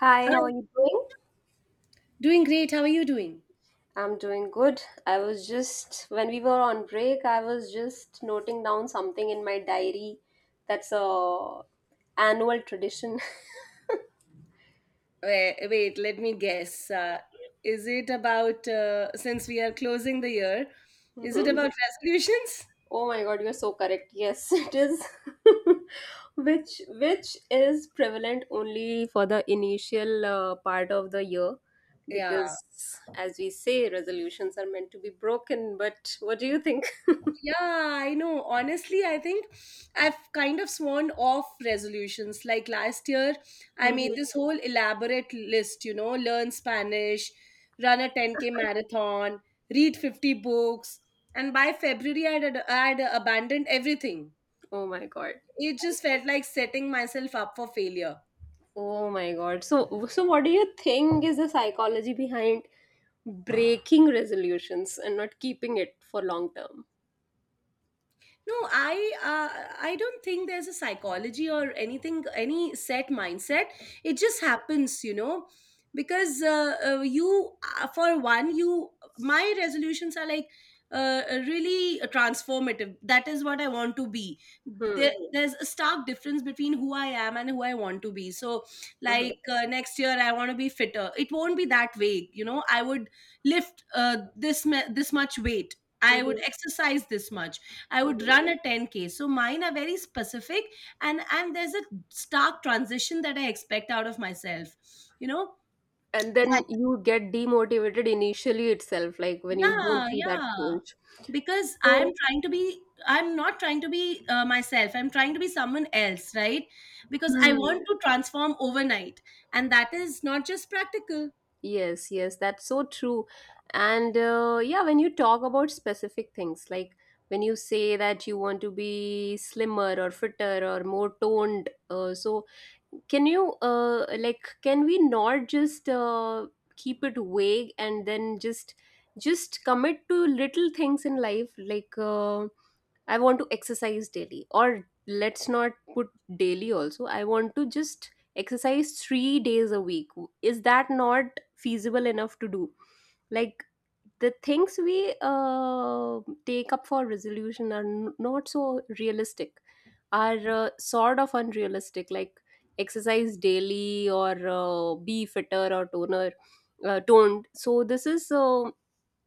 Hi, Hi, how are you doing? doing great. How are you doing? I'm doing good. I was just, when we were on break, I was just noting down something in my diary that's a annual tradition. Wait, wait, let me guess. Is it about, since we are closing the year, is it Mhm. about resolutions? Oh my God, you're so correct. Yes, it is. Which is prevalent only for the initial part of the year Yeah. because as we say, resolutions are meant to be broken, but what do you think? Yeah, I know. Honestly, I think I've kind of sworn off resolutions. Like last year, I made Mhm. this whole elaborate list, you know, learn Spanish, run a 10K marathon, read 50 books. And by February, I would abandoned everything. Oh my God. It just felt like setting myself up for failure. Oh my God. So what do you think is the psychology behind breaking resolutions and not keeping it for long term? No, I don't think there's a psychology or anything, any set mindset. It just happens, you know, because you for one you my resolutions are like really transformative. That is what I want to be. Hmm. Mhm. There's a stark difference between who I am and who I want to be. So, Mhm. like, next year, I want to be fitter. It won't be that vague, you know. I would lift this much weight. I would Mhm. exercise this much. I would Mhm. run a 10K. So mine are very specific, and there's a stark transition that I expect out of myself. You know? And then you get demotivated initially itself, like when you Yeah, don't see that yeah. change. Because So, I'm not trying to be myself. I'm trying to be someone else, right? Because I want hmm. to transform overnight, and that is not just practical. Yes, yes, that's so true. And yeah, when you talk about specific things, like when you say that you want to be slimmer or fitter or more toned, so can you like can we not just keep it vague and then just commit to little things in life like I want to exercise daily, or let's not put daily also, I want to just exercise 3 days a week. Is that not feasible enough to do, like the things we take up for resolution are not so realistic, are sort of unrealistic, like exercise daily or be fitter or toner toned. So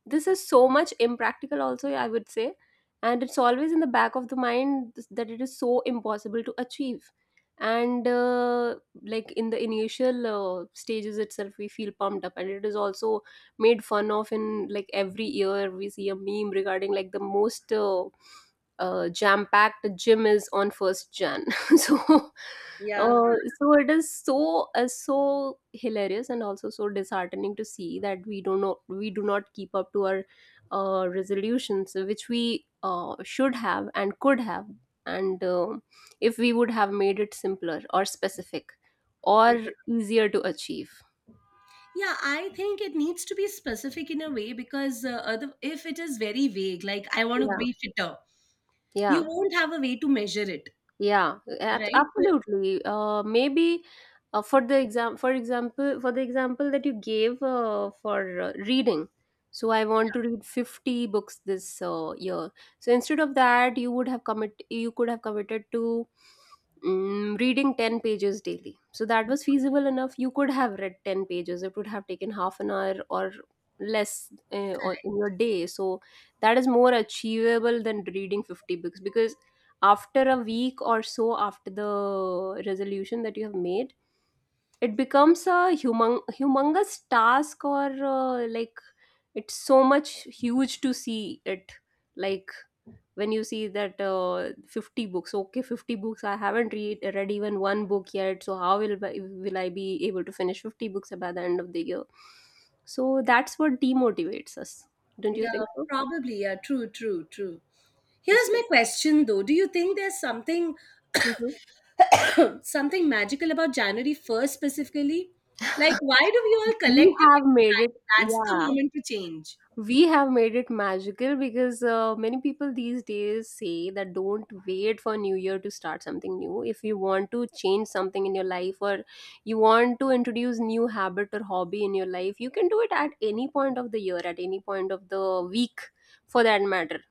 this is so much impractical also, I would say, and it's always in the back of the mind that it is so impossible to achieve. And like in the initial stages itself we feel pumped up, and it is also made fun of in, like, every year we see a meme regarding like the most jam packed gym is on first Jan. So Yeah. uh, so it is so so hilarious and also so disheartening to see that we do not know, we do not keep up to our resolutions which we should have and could have, and if we would have made it simpler or specific or easier to achieve. Yeah, I think it needs to be specific in a way because if it is very vague, like I want to Yeah, be fitter, you yeah. won't have a way to measure it, Yeah, right? But absolutely. Maybe for the for example, for the example that you gave for reading. So I want to read 50 books this year. So instead of that, you would have commit you could have committed to reading 10 pages daily, so that was feasible enough. You could have read 10 pages, it would have taken half an hour or less on in your day. So that is more achievable than reading 50 books, because after a week or so after the resolution that you have made, it becomes a humongous task, or like it's so much huge to see it, like when you see that 50 books, okay, 50 books I haven't read even one book yet, so how will will I be able to finish 50 books by the end of the year? So that's what demotivates us, don't you yeah, think so? probably. Yeah, true, true, true. Here's my question though. Do you think there's something, Mhm. something magical about January 1st specifically? Like why do we all we collectively have made it decide that's the yeah, moment to change? we have made it magical because many people these days say that don't wait for new year to start something new. If you want to change something in your life, or you want to introduce new habit or hobby in your life, you can do it at any point of the year, at any point of the week, for that matter.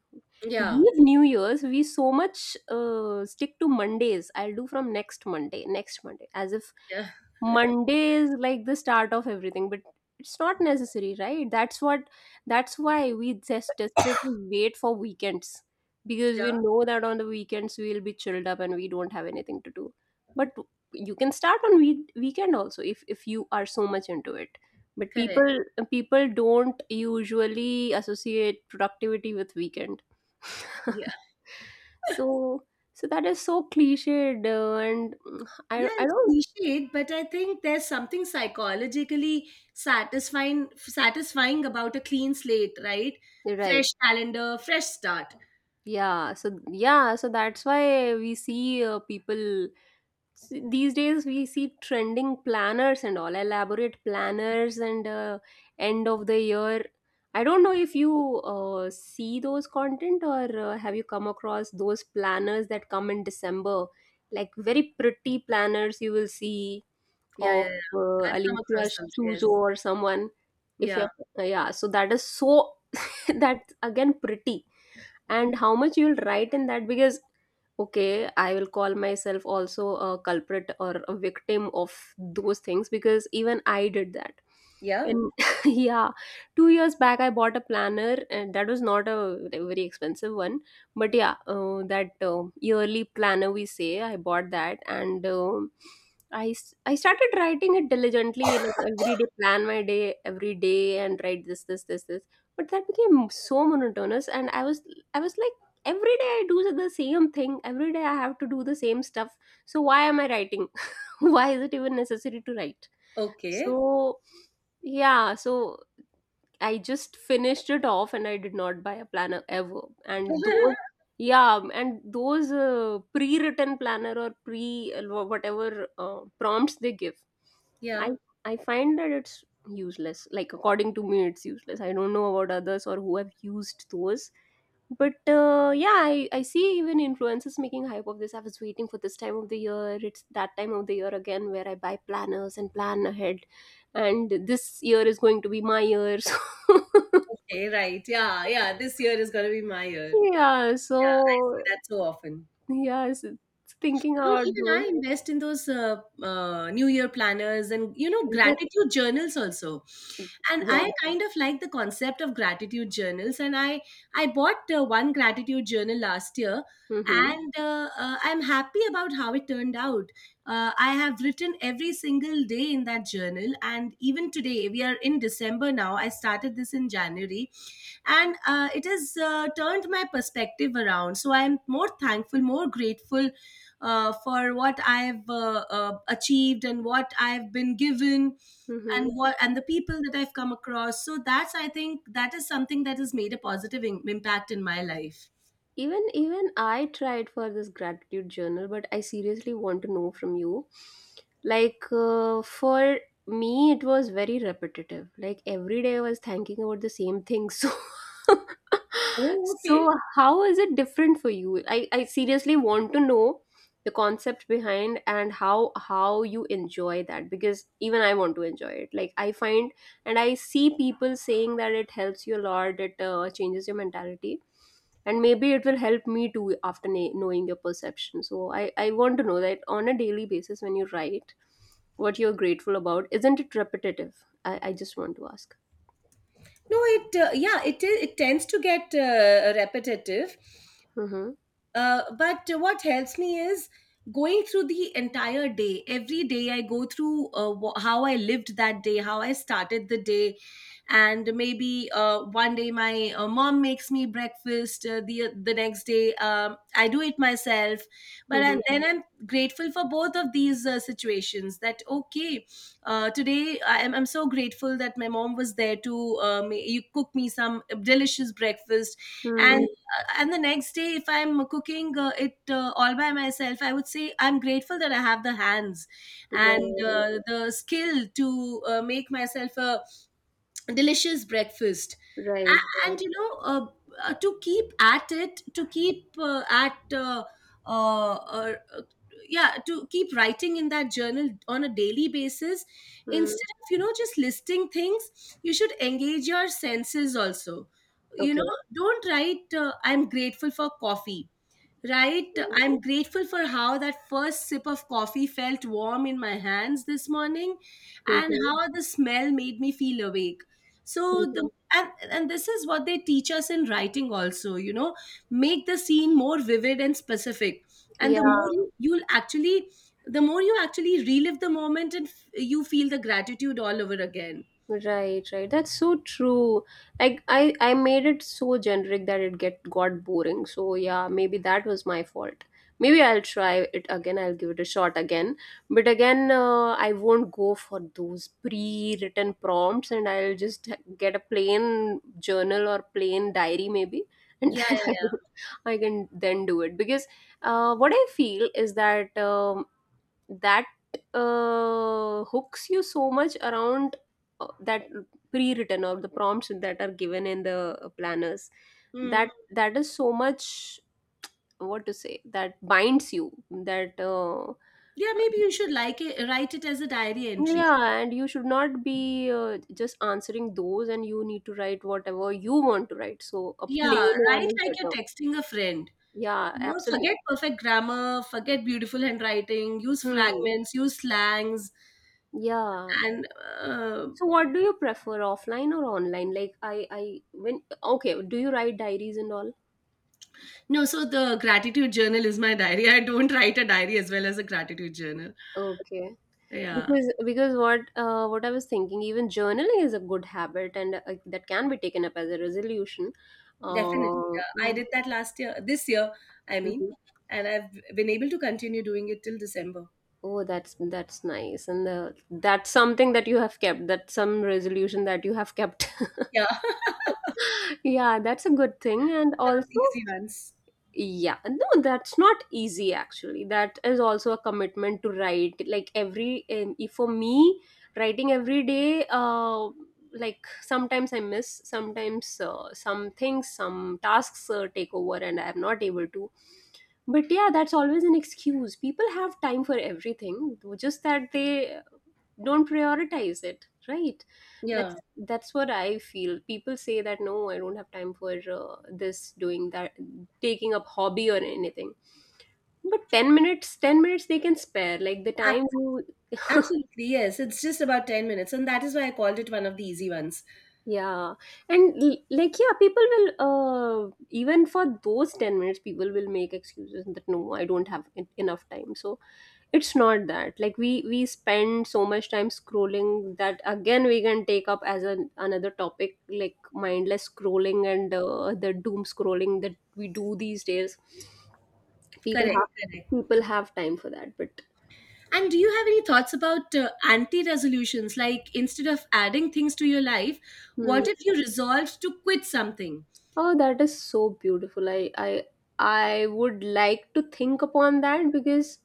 Yeah, Leave new year's, we so much stick to Mondays. I'll do from next Monday, next Monday as if yeah, Monday is like the start of everything. But it's not necessary, right? That's what, that's why we just desperately wait for weekends, because we yeah, know that on the weekends we'll be chilled up and we don't have anything to do. But you can start on weekend also if you are so much into it. But correct. people don't usually associate productivity with weekend. So so that is so cliched, and I Yeah, I don't. it's cliched, but I think there's something psychologically satisfying about a clean slate, right? Right. Fresh calendar, fresh start. Yeah, so yeah, so that's why we see people, these days we see trending planners and all elaborate planners and end of the year. I don't know if you see those content, or have you come across those planners that come in December, like very pretty planners you will see Yeah, of yeah, yeah. uh, I've come across Alicia those. Chuzo Yes. or someone. If Yeah. you're, yeah, so that is so that's again pretty, and how much you'll write in that, because, okay, I will call myself also a culprit or a victim of those things, because even I did that. Yeah. And yeah, 2 years back I bought a planner, and that was not a very expensive one, but yeah, that yearly planner we say, I bought that. And um, I started writing it diligently, like every day plan my day, every day, and write this, this, this, this. But that became so monotonous, and I was like every day I do the same thing, every day I have to do the same stuff, so why am I writing? Why is it even necessary to write? Okay. So yeah, so I just finished it off, and I did not buy a planner ever. And those, yeah, and those pre-written planner, or pre whatever prompts they give, I Yeah. I find that it's useless. Like according to me, it's useless. I don't know about others, or who have used those. But yeah, I see even influencers making hype of this. I was waiting for this time of the year. It's that time of the year again where I buy planners and plan ahead, and this year is going to be my year. So Okay. Right. Yeah. Yeah. This year is gonna be my year. yeah, Yeah. I see so that so often. yes, thinking No, about even I those. invest in those New Year planners and, you know, Is it? gratitude journals also. And I Yeah. kind of like the concept of gratitude journals. And I bought one gratitude journal last year, Mm-hmm. and I'm happy about how it turned out. I have written every single day in that journal, and even today we are in December now. I started this in January, and it has turned my perspective around, so I'm more thankful, more grateful for what I've achieved and what I've been given, and Mm-hmm. what and the people that I've come across. So that's, I think that is something that has made a impact in my life. Even even I tried for this gratitude journal, but I seriously want to know from you, like for me it was very repetitive, like every day I was thinking about the same thing. So Oh, so okay. how is it different for you? I seriously want to know the concept behind, and how you enjoy that, because even I want to enjoy it. Like I find, and I see people saying that it helps you a lot, it changes your mentality, and maybe it will help me too after knowing your perception. So I want to know that on a daily basis, when you write what you're grateful about, isn't it repetitive? I just want to ask. No, it yeah, it tends to get repetitive. Mm-hmm. But what helps me is going through the entire day. Every day I go through how I lived that day, how I started the day. And maybe one day my mom makes me breakfast. The next day I do it myself. Mm-hmm. Then I'm grateful for both of these situations. That okay, today I'm so grateful that my mom was there to ma- you cook me some delicious breakfast, Mm, and and the next day if I'm cooking, it all by myself, I would say I'm grateful that I have the hands and right, the skill to make myself a delicious breakfast. right, right. And you know, to keep at it, to keep at uh, uh, yeah, to keep writing in that journal on a daily basis, Mm, instead of, you know, just listing things. You should engage your senses also, you okay. know. Don't write I'm grateful for coffee, right? I'm grateful for how that first sip of coffee felt warm in my hands this morning and Mm-hmm. how the smell made me feel awake. So the Mm-hmm. And this is what they teach us in writing also, you know, make the scene more vivid and specific. And Yeah. You'll actually, the more you actually relive the moment and you feel the gratitude all over again. Right, right. That's so true. Like I made it so generic that it get got boring. So yeah, maybe that was my fault. Maybe I'll try it again. I'll give it a shot again. But again, I won't go for those pre-written prompts, and I'll just get a plain journal or plain diary maybe. And Yeah, then yeah, I can then do it, because what I feel is that that hooks you so much around that pre-written, or the prompts that are given in the planners, yeah. Hmm. that that is so much, what to say, that binds you that Yeah, maybe you should write it as a diary entry. yeah, and you should not be just answering those, and you need to write whatever you want to write, so a Yeah, plain write one is like you're better. texting a friend. Yeah, No, absolutely. forget perfect grammar, forget beautiful handwriting, use Hmm. fragments, use slangs, Yeah. and uh, So what do you prefer, offline or online? Like I when, okay, do you write diaries and all? no. So the gratitude journal is my diary. I don't write a diary as well as a gratitude journal. Okay. Yeah, Because what I was thinking, even journaling is a good habit, and that can be taken up as a resolution. definitely. Uh, Yeah. I mm, did that last year, this year, I mean, mhm. and I've been able to continue doing it till December. Oh, that's nice, and that's something that you have kept. That's some resolution that you have kept. Yeah, one Yeah, that's a good thing. And of the also, easy ones. yeah, no, that's not easy actually. That is also a commitment to write. Like every, if for me, writing every day, like sometimes I miss, sometimes some things, some tasks take over and I am not able to. But yeah, that's always an excuse. People have time for everything, though just that they don't prioritize it, right? that's Yeah, that's what I feel. People say that no, I don't have time for this doing that, taking up hobby or anything, but 10 minutes they can spare, like the ab- time you absolutely. Yes, it's just about 10 minutes, and that is why I called it one of the easy ones. yeah, and like yeah, people will even for those 10 minutes people will make excuses that no, I don't have enough time. So it's not that. Like we spend so much time scrolling, that again we can take up as an another topic, like mindless scrolling and the doom scrolling that we do these days. People Correct, have correct. people have time for that, but And do you have any thoughts about anti resolutions? Like instead of adding things to your life, hmm. what if you resolved to quit something? Oh, that is so beautiful. I I would like to think upon that. Because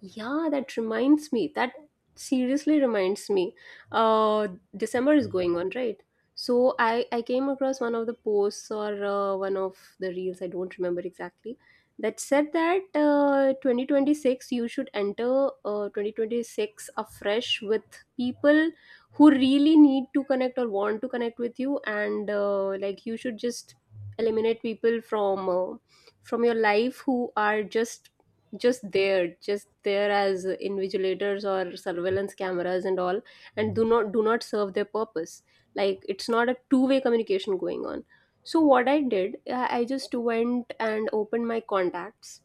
yeah, that reminds me. That seriously reminds me. Uh, December is going on, right? So I came across one of the posts or one of the reels. I don't remember exactly. That said that 2026, you should enter 2026 afresh with people who really need to connect or want to connect with you, and like you should just eliminate people from your life who are just just there as invigilators or surveillance cameras and all, and do not serve their purpose. Like, it's not a two-way communication going on. So what I did, I just went and opened my contacts,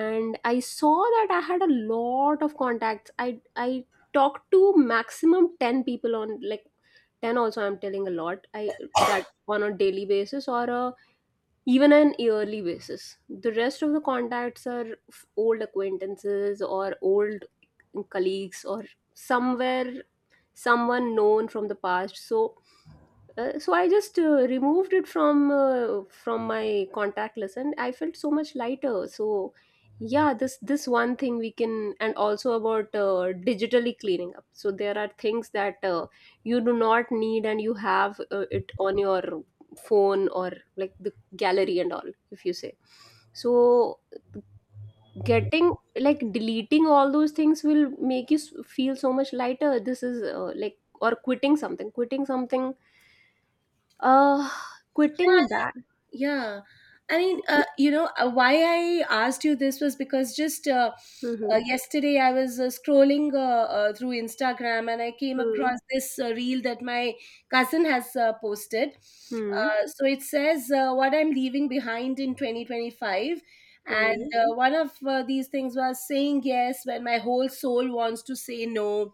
and I saw that I had a lot of contacts. I talked to maximum 10 people on, like, 10 also I'm telling a lot. I that on a daily basis or a even an yearly basis. The rest of the contacts are old acquaintances or old colleagues, or somewhere someone known from the past. So so I just removed it from my contact list, and I felt so much lighter. So yeah, this one thing we can. And also about digitally cleaning up. So there are things that you do not need, and you have it on your phone or like the gallery and all. If you say so, getting like deleting all those things will make you feel so much lighter. This is like or quitting something, quitting something, uh, quitting that. Yeah. I mean, why I asked you this was because just uh, hmm uh, yesterday I was scrolling through Instagram and I came hmm across this reel that my cousin has posted. hmm So it says, "What I'm Leaving Behind in 2025." And Hmm. One of these things was saying yes when my whole soul wants to say no,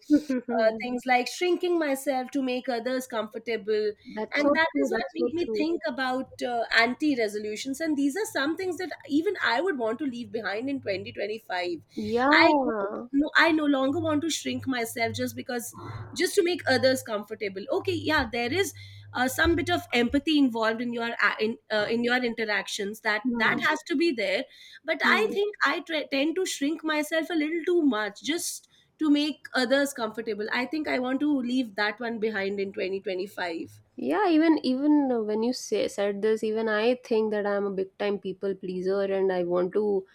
things like shrinking myself to make others comfortable. That's And so that true. is what That's so made me true. think about anti resolutions. And these are some things that even I would want to leave behind in 2025. I don't Yeah. No, I no longer want to shrink myself just to make others comfortable. Okay, yeah, there is some bit of empathy involved in in your interactions. That that Hmm. has to be there. But I Hmm. think I tend to shrink myself a little too much just to make others comfortable. I think I want to leave that one behind in 2025. Yeah, even even when you say said this, even I think that I'm a big time people pleaser, and I want to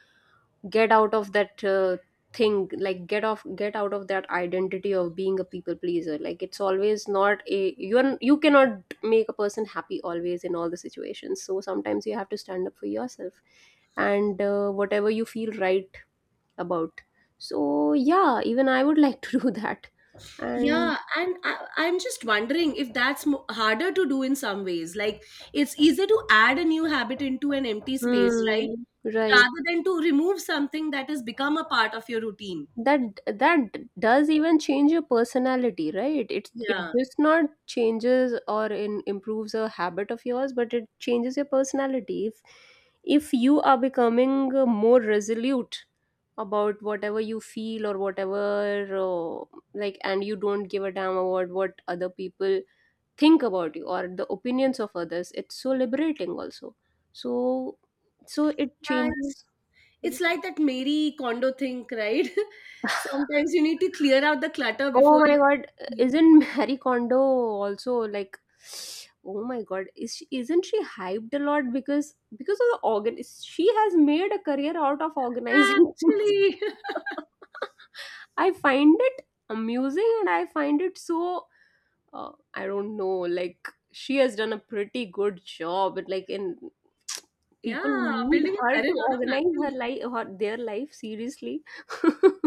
get out of that thing. Like, get out of that identity of being a people pleaser. Like, it's always not a you're you cannot make a person happy always in all the situations. So sometimes you have to stand up for yourself and whatever you feel right about. So yeah, even I would like to do that. And Yeah, and I'm just wondering if that's harder to do in some ways. Like, it's easier to add a new habit into an empty space, right? hmm, right. Rather than to remove something that has become a part of your routine. That does even change your personality, right? It's it Yeah. just not changes or improves a habit of yours, but it changes your personality. If you are becoming more resolute about whatever you feel or whatever like, and you don't give a damn about what other people think about you or the opinions of others. It's so liberating also. So so it Yeah, it's, changes. it's like that Mary Kondo thing, right? Sometimes you need to clear out the clutter Oh before you. my God, isn't Marie Kondo also, like? Oh my God, is she, isn't she hyped a lot because of the organ? She has made a career out of organizing things. Actually, I find it amusing, and I find it so I don't know. Like, she has done a pretty good job, and like in people yeah, need building a her career to out of organize nothing. her life, her their life seriously.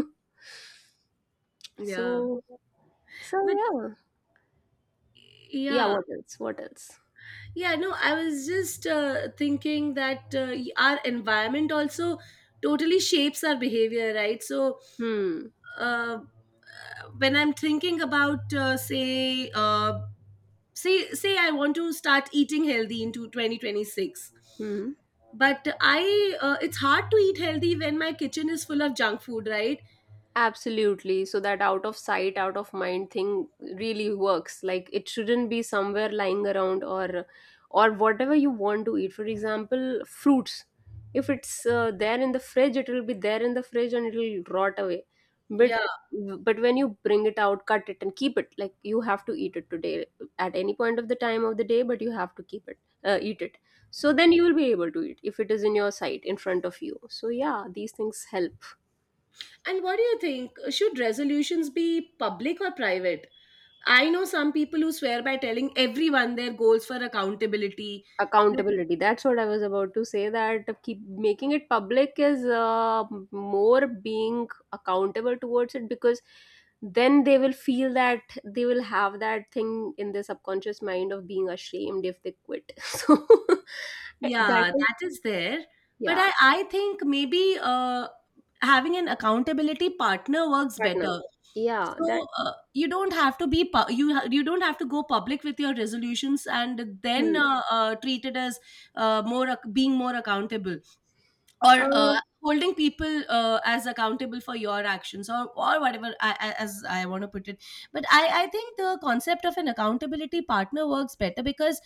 Yeah. So so But yeah. Yeah, yeah. what else? What else? Yeah, no, I was just thinking that our environment also totally shapes our behavior, right? So Hmm. uh, when I'm thinking about, uh, I want to start eating healthy into 2026, Hmm. but it's hard to eat healthy when my kitchen is full of junk food, right? Absolutely. So that out of sight, out of mind thing really works. Like, it shouldn't be somewhere lying around, or whatever you want to eat. For example, fruits. If it's there in the fridge, it will be there in the fridge and it will rot away. But Yeah. but when you bring it out, cut it and keep it. Like, you have to eat it today at any point of the time of the day, but you have to keep it, eat it. So then you will be able to eat if it is in your sight, in front of you. So yeah, these things help. And what do you think? Should resolutions be public or private? I know some people who swear by telling everyone their goals for accountability. Accountability, that's what I was about to say. That keep making it public is more being accountable towards it, because then they will feel that they will have that thing in their subconscious mind of being ashamed if they quit. So eh, that Yeah, is that is there. But yeah I think maybe having an accountability partner works partner better. yeah that So you don't have to be pu- you ha- you don't have to go public with your resolutions and then hmm. Treat it as being more accountable, or uh holding people as accountable for your actions, or whatever as I want to put it. But I think the concept of an accountability partner works better because,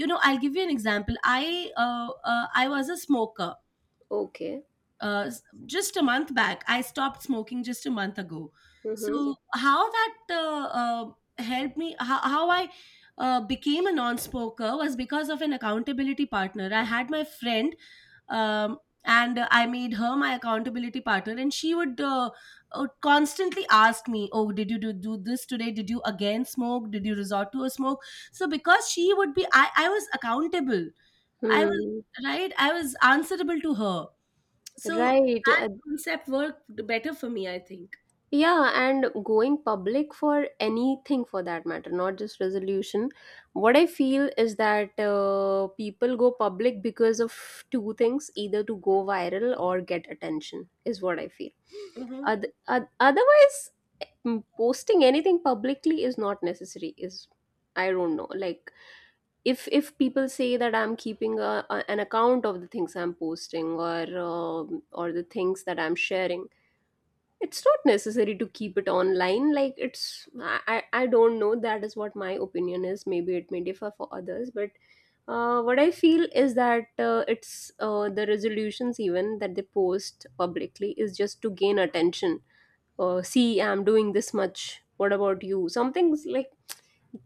you know, I'll give you an example. I was a smoker. okay. Uh, s- just a month back, I stopped smoking just a month ago. Mm-hmm. So how that uh, uh, helped me, how I became a non-smoker was because of an accountability partner. I had my friend, um, and I made her my accountability partner, and she would constantly ask me, "Oh, do this today, did you again smoke, did you resort to a smoke?" So because she would be, I was accountable, I was Hmm. right, I was answerable to her. So Right. that concept worked better for me, I think. Yeah, and going public for anything for that matter, not just resolution. What I feel is that people go public because of two things: either to go viral or get attention, is what I feel. Mm-hmm. Otherwise, mm, posting anything publicly is not necessary. Is I don't know. Like, if people say that I'm keeping a, an account of the things I'm posting or the things that I'm sharing, it's not necessary to keep it online. Like, it's I don't know. That is what my opinion is. Maybe it may differ for others, but what I feel is that it's the resolutions even that they post publicly is just to gain attention. See, I'm doing this much, what about you? Some things like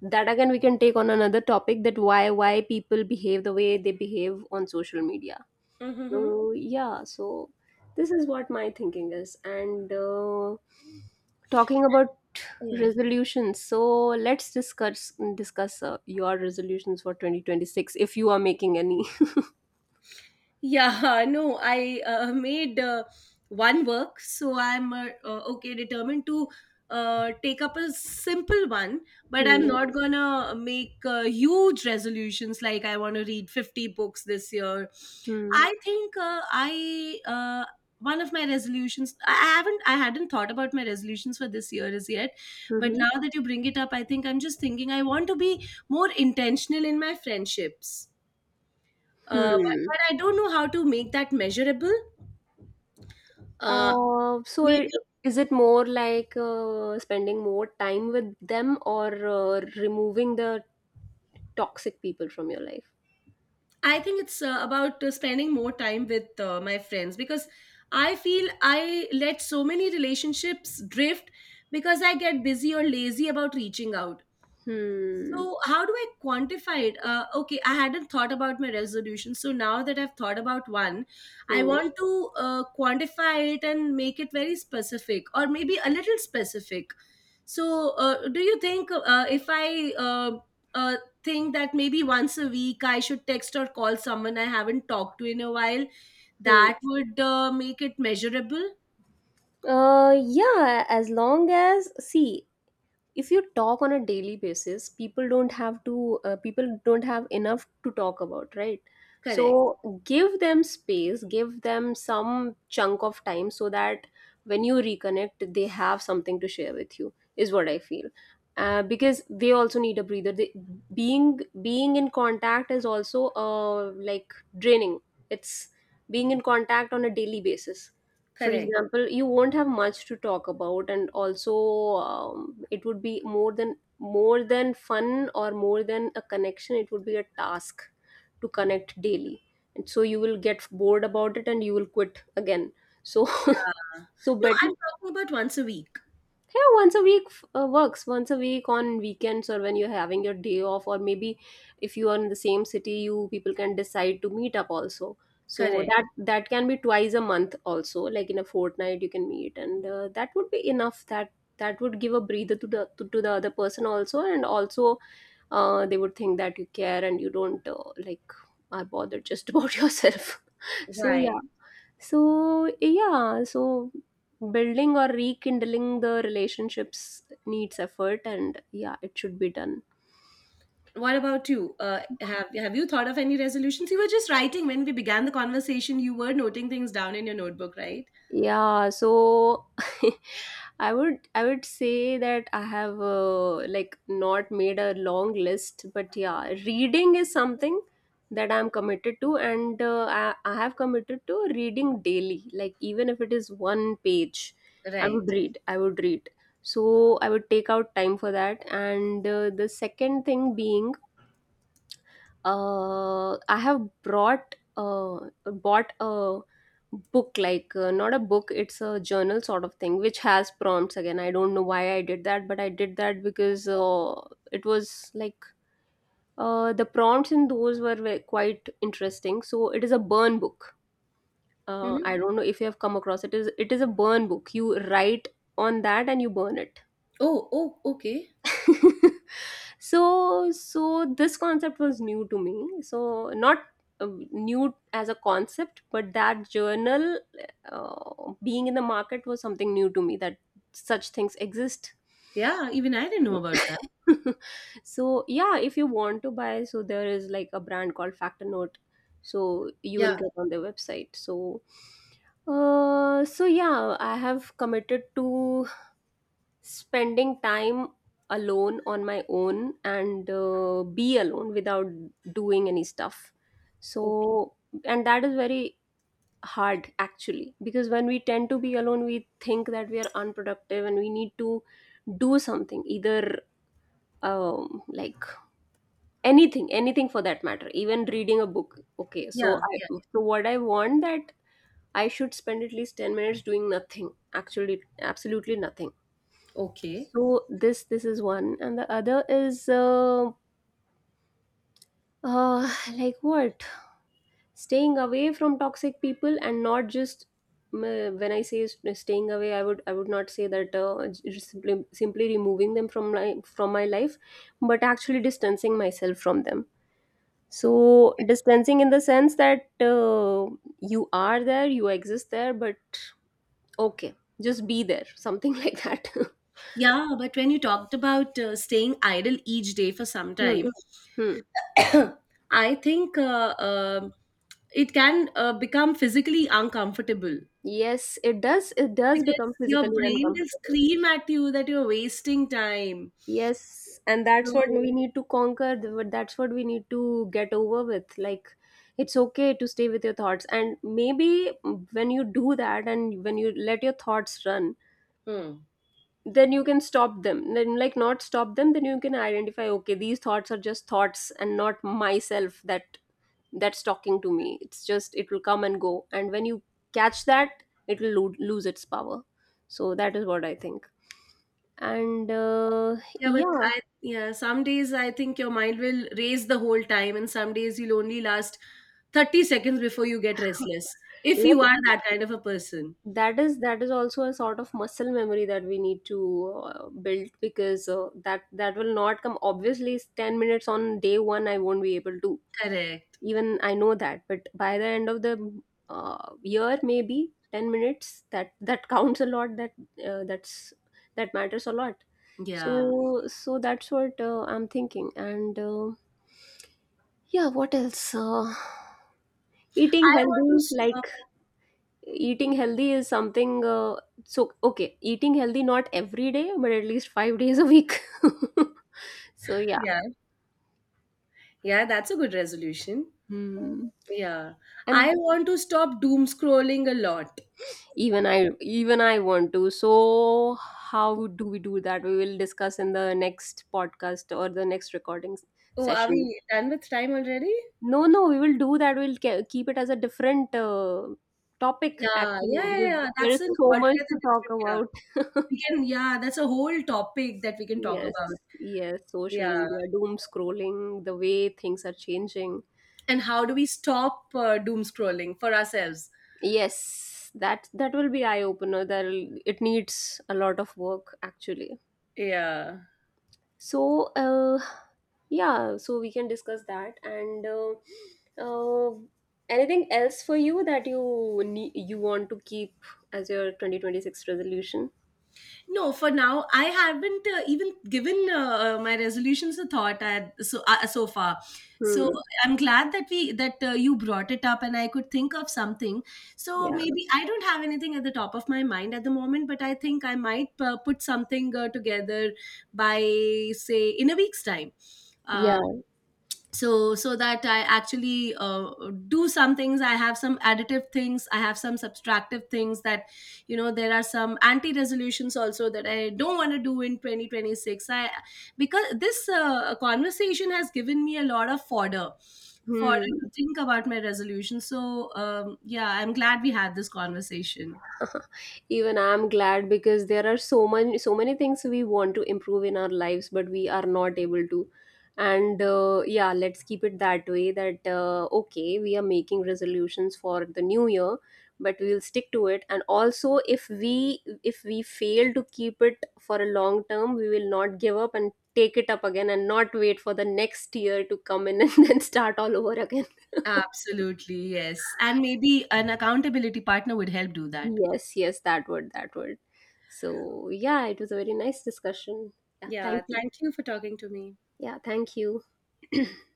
that, again, we can take on another topic, that why people behave the way they behave on social media. Mm-hmm. So yeah, so this is what my thinking is. And talking about Yeah. resolutions, so let's discuss your resolutions for 2026 if you are making any. Yeah, no, I made one work, so I'm okay, determined to take up a simple one, but I'm Hmm. not gonna make huge resolutions like I want to read 50 books this year. Hmm. I think I one of my resolutions, I hadn't thought about my resolutions for this year as yet, but Mm-hmm. now that you bring it up, I think I'm just thinking I want to be more intentional in my friendships. Hmm. But I don't know how to make that measurable. Uh, So maybe it, is it more like spending more time with them, or removing the toxic people from your life? I think it's about spending more time with my friends, because I feel I let so many relationships drift because I get busy or lazy about reaching out. Hmm. So how do I quantify it? Okay, I hadn't thought about my resolution. So now that I've thought about one, I Hmm. want to quantify it and make it very specific, or maybe a little specific. So do you think if I uh, think that maybe once a week I should text or call someone I haven't talked to in a while, Hmm. that would make it measurable? Yeah, as long as, see, if you talk on a daily basis, people don't have to people don't have enough to talk about, right? Correct. So give them space, give them some chunk of time, so that when you reconnect, they have something to share with you, is what I feel. Because they also need a breather. They, being in contact is also like draining. It's being in contact on a daily basis, for Correct. example, you won't have much to talk about. And also it would be more than fun or more than a connection. It would be a task to connect daily, and so you will get bored about it and you will quit again. So so No, better. I'm talking about once a week. Yeah, once a week. Works once a week on weekends, or when you're having your day off, or maybe if you are in the same city, you people can decide to meet up also. So Correct. that that can be twice a month also, like in a fortnight you can meet, and that would be enough. That that would give a breather to the to the other person also. And also they would think that you care and you don't like are bothered just about yourself. So Right. yeah, so, yeah, so building or rekindling the relationships needs effort, and yeah, it should be done. What about you? Have you thought of any resolutions? You were just writing when we began the conversation. You were noting things down in your notebook, right? Yeah, so I would say that I have like not made a long list, but yeah, reading is something that I'm committed to. And I have committed to reading daily. Like, even if it is one page, I would Right. read. I would read. So I would take out time for that. And the second thing being I have brought bought a book, like not a book, it's a journal sort of thing which has prompts. Again, I don't know why I did that, but I did that because it was like the prompts in those were quite interesting. So it is a burn book. Hmm. I don't know if you have come across it. Is It is a burn book, you write on that and you burn it. Oh, oh, okay. So so this concept was new to me. So not new as a concept, but that journal being in the market was something new to me, that such things exist. Yeah, even I didn't know about that. So yeah, if you want to buy, so there is like a brand called Factor Note. So you Yeah, will get on their website. So so yeah, I have committed to spending time alone on my own, and be alone without doing any stuff. okay. So and that is very hard actually, because when we tend to be alone, we think that we are unproductive and we need to do something, either like anything for that matter, even reading a book. Okay, so Yeah, I yeah, so what I want that I should spend at least 10 minutes doing nothing, actually absolutely nothing. okay. So this is one. And the other is like what, staying away from toxic people, and not just mm, when I say staying away, I would not say that simply removing them from my life, but actually distancing myself from them. So distancing in the sense that you are there, you exist there, but okay, just be there, something like that. Yeah, but when you talked about staying idle each day for some Hmm, time, hmm. I think it can become physically uncomfortable Yes, it does. It does because become your physically brain will uncomfortable. scream at you that you're wasting time. Yes, and that's what So, we need to conquer. That's what we need to get over with. Like, it's okay to stay with your thoughts. And maybe when you do that and when you let your thoughts run, hmm. then you can stop them. Then, like, not stop them, then you can identify, okay, these thoughts are just thoughts and not myself that that's talking to me. It's just, it will come and go. And when you catch that, it will lose its power. So, that is what I think. And Yeah, but yeah, some days I think your mind will race the whole time, and some days you'll only last 30 seconds before you get restless. If you let's. are that kind of a person. That is that is also a sort of muscle memory that we need to build. Because that will not come obviously. It's 10 minutes on day 1, I won't be able to Correct. even I know that. But by the end of the year, maybe 10 minutes, that that counts a lot, that that's that matters a lot. Yeah. So so that's what I'm thinking. And yeah, what else? Eating I want to healthy, stop. like eating healthy is something so okay, eating healthy not every day but at least 5 days a week. So yeah. Yeah. Yeah, that's a good resolution. Hmm. Yeah. I And want to stop doom scrolling a lot. even i even I want to. So how do we do that, we will discuss in the next podcast or the next recording Oh, are session. we done with time already? No, no, we will do that, we'll keep it as a different topic Yeah, actually. yeah, yeah, Because yeah. there That's is an so much altogether to talk different. Yeah. about. We can, yeah, that's a whole topic that we can talk Yes, about. yes, Yeah. social media, doom scrolling, the way things are changing. And how do we stop doom scrolling for ourselves? Yes, that that will be eye opener. That it needs a lot of work actually. Yeah, So, yeah, so we can discuss that. And uh, anything else for you that you need, you want to keep as your 2026 resolution? no, for now I haven't even given my resolutions a thought, at, so so far. So Hmm. I'm glad that we that you brought it up and I could think of something. So Yeah. maybe I don't have anything at the top of my mind at the moment, but I think I might put something together by, say, in a week's time. Uh, Yeah. so so that I actually do some things. I have some additive things, I have some subtractive things, that, you know, there are some anti resolutions also that I don't want to do in 2026, I because this conversation has given me a lot of fodder to Hmm. think about my resolution. So yeah, I'm glad we had this conversation. Even I'm glad, because there are so many so many things we want to improve in our lives but we are not able to. And yeah, let's keep it that way, that okay, we are making resolutions for the new year, but we'll stick to it. And also if we fail to keep it for a long term, we will not give up and take it up again, and not wait for the next year to come in, and then start all over again. Absolutely, yes, and maybe an accountability partner would help do that. Yes, yes, that would, that would. So, yeah, it was a very nice discussion. Yeah, Yeah, thank you. thank you for talking to me. Yeah, thank you.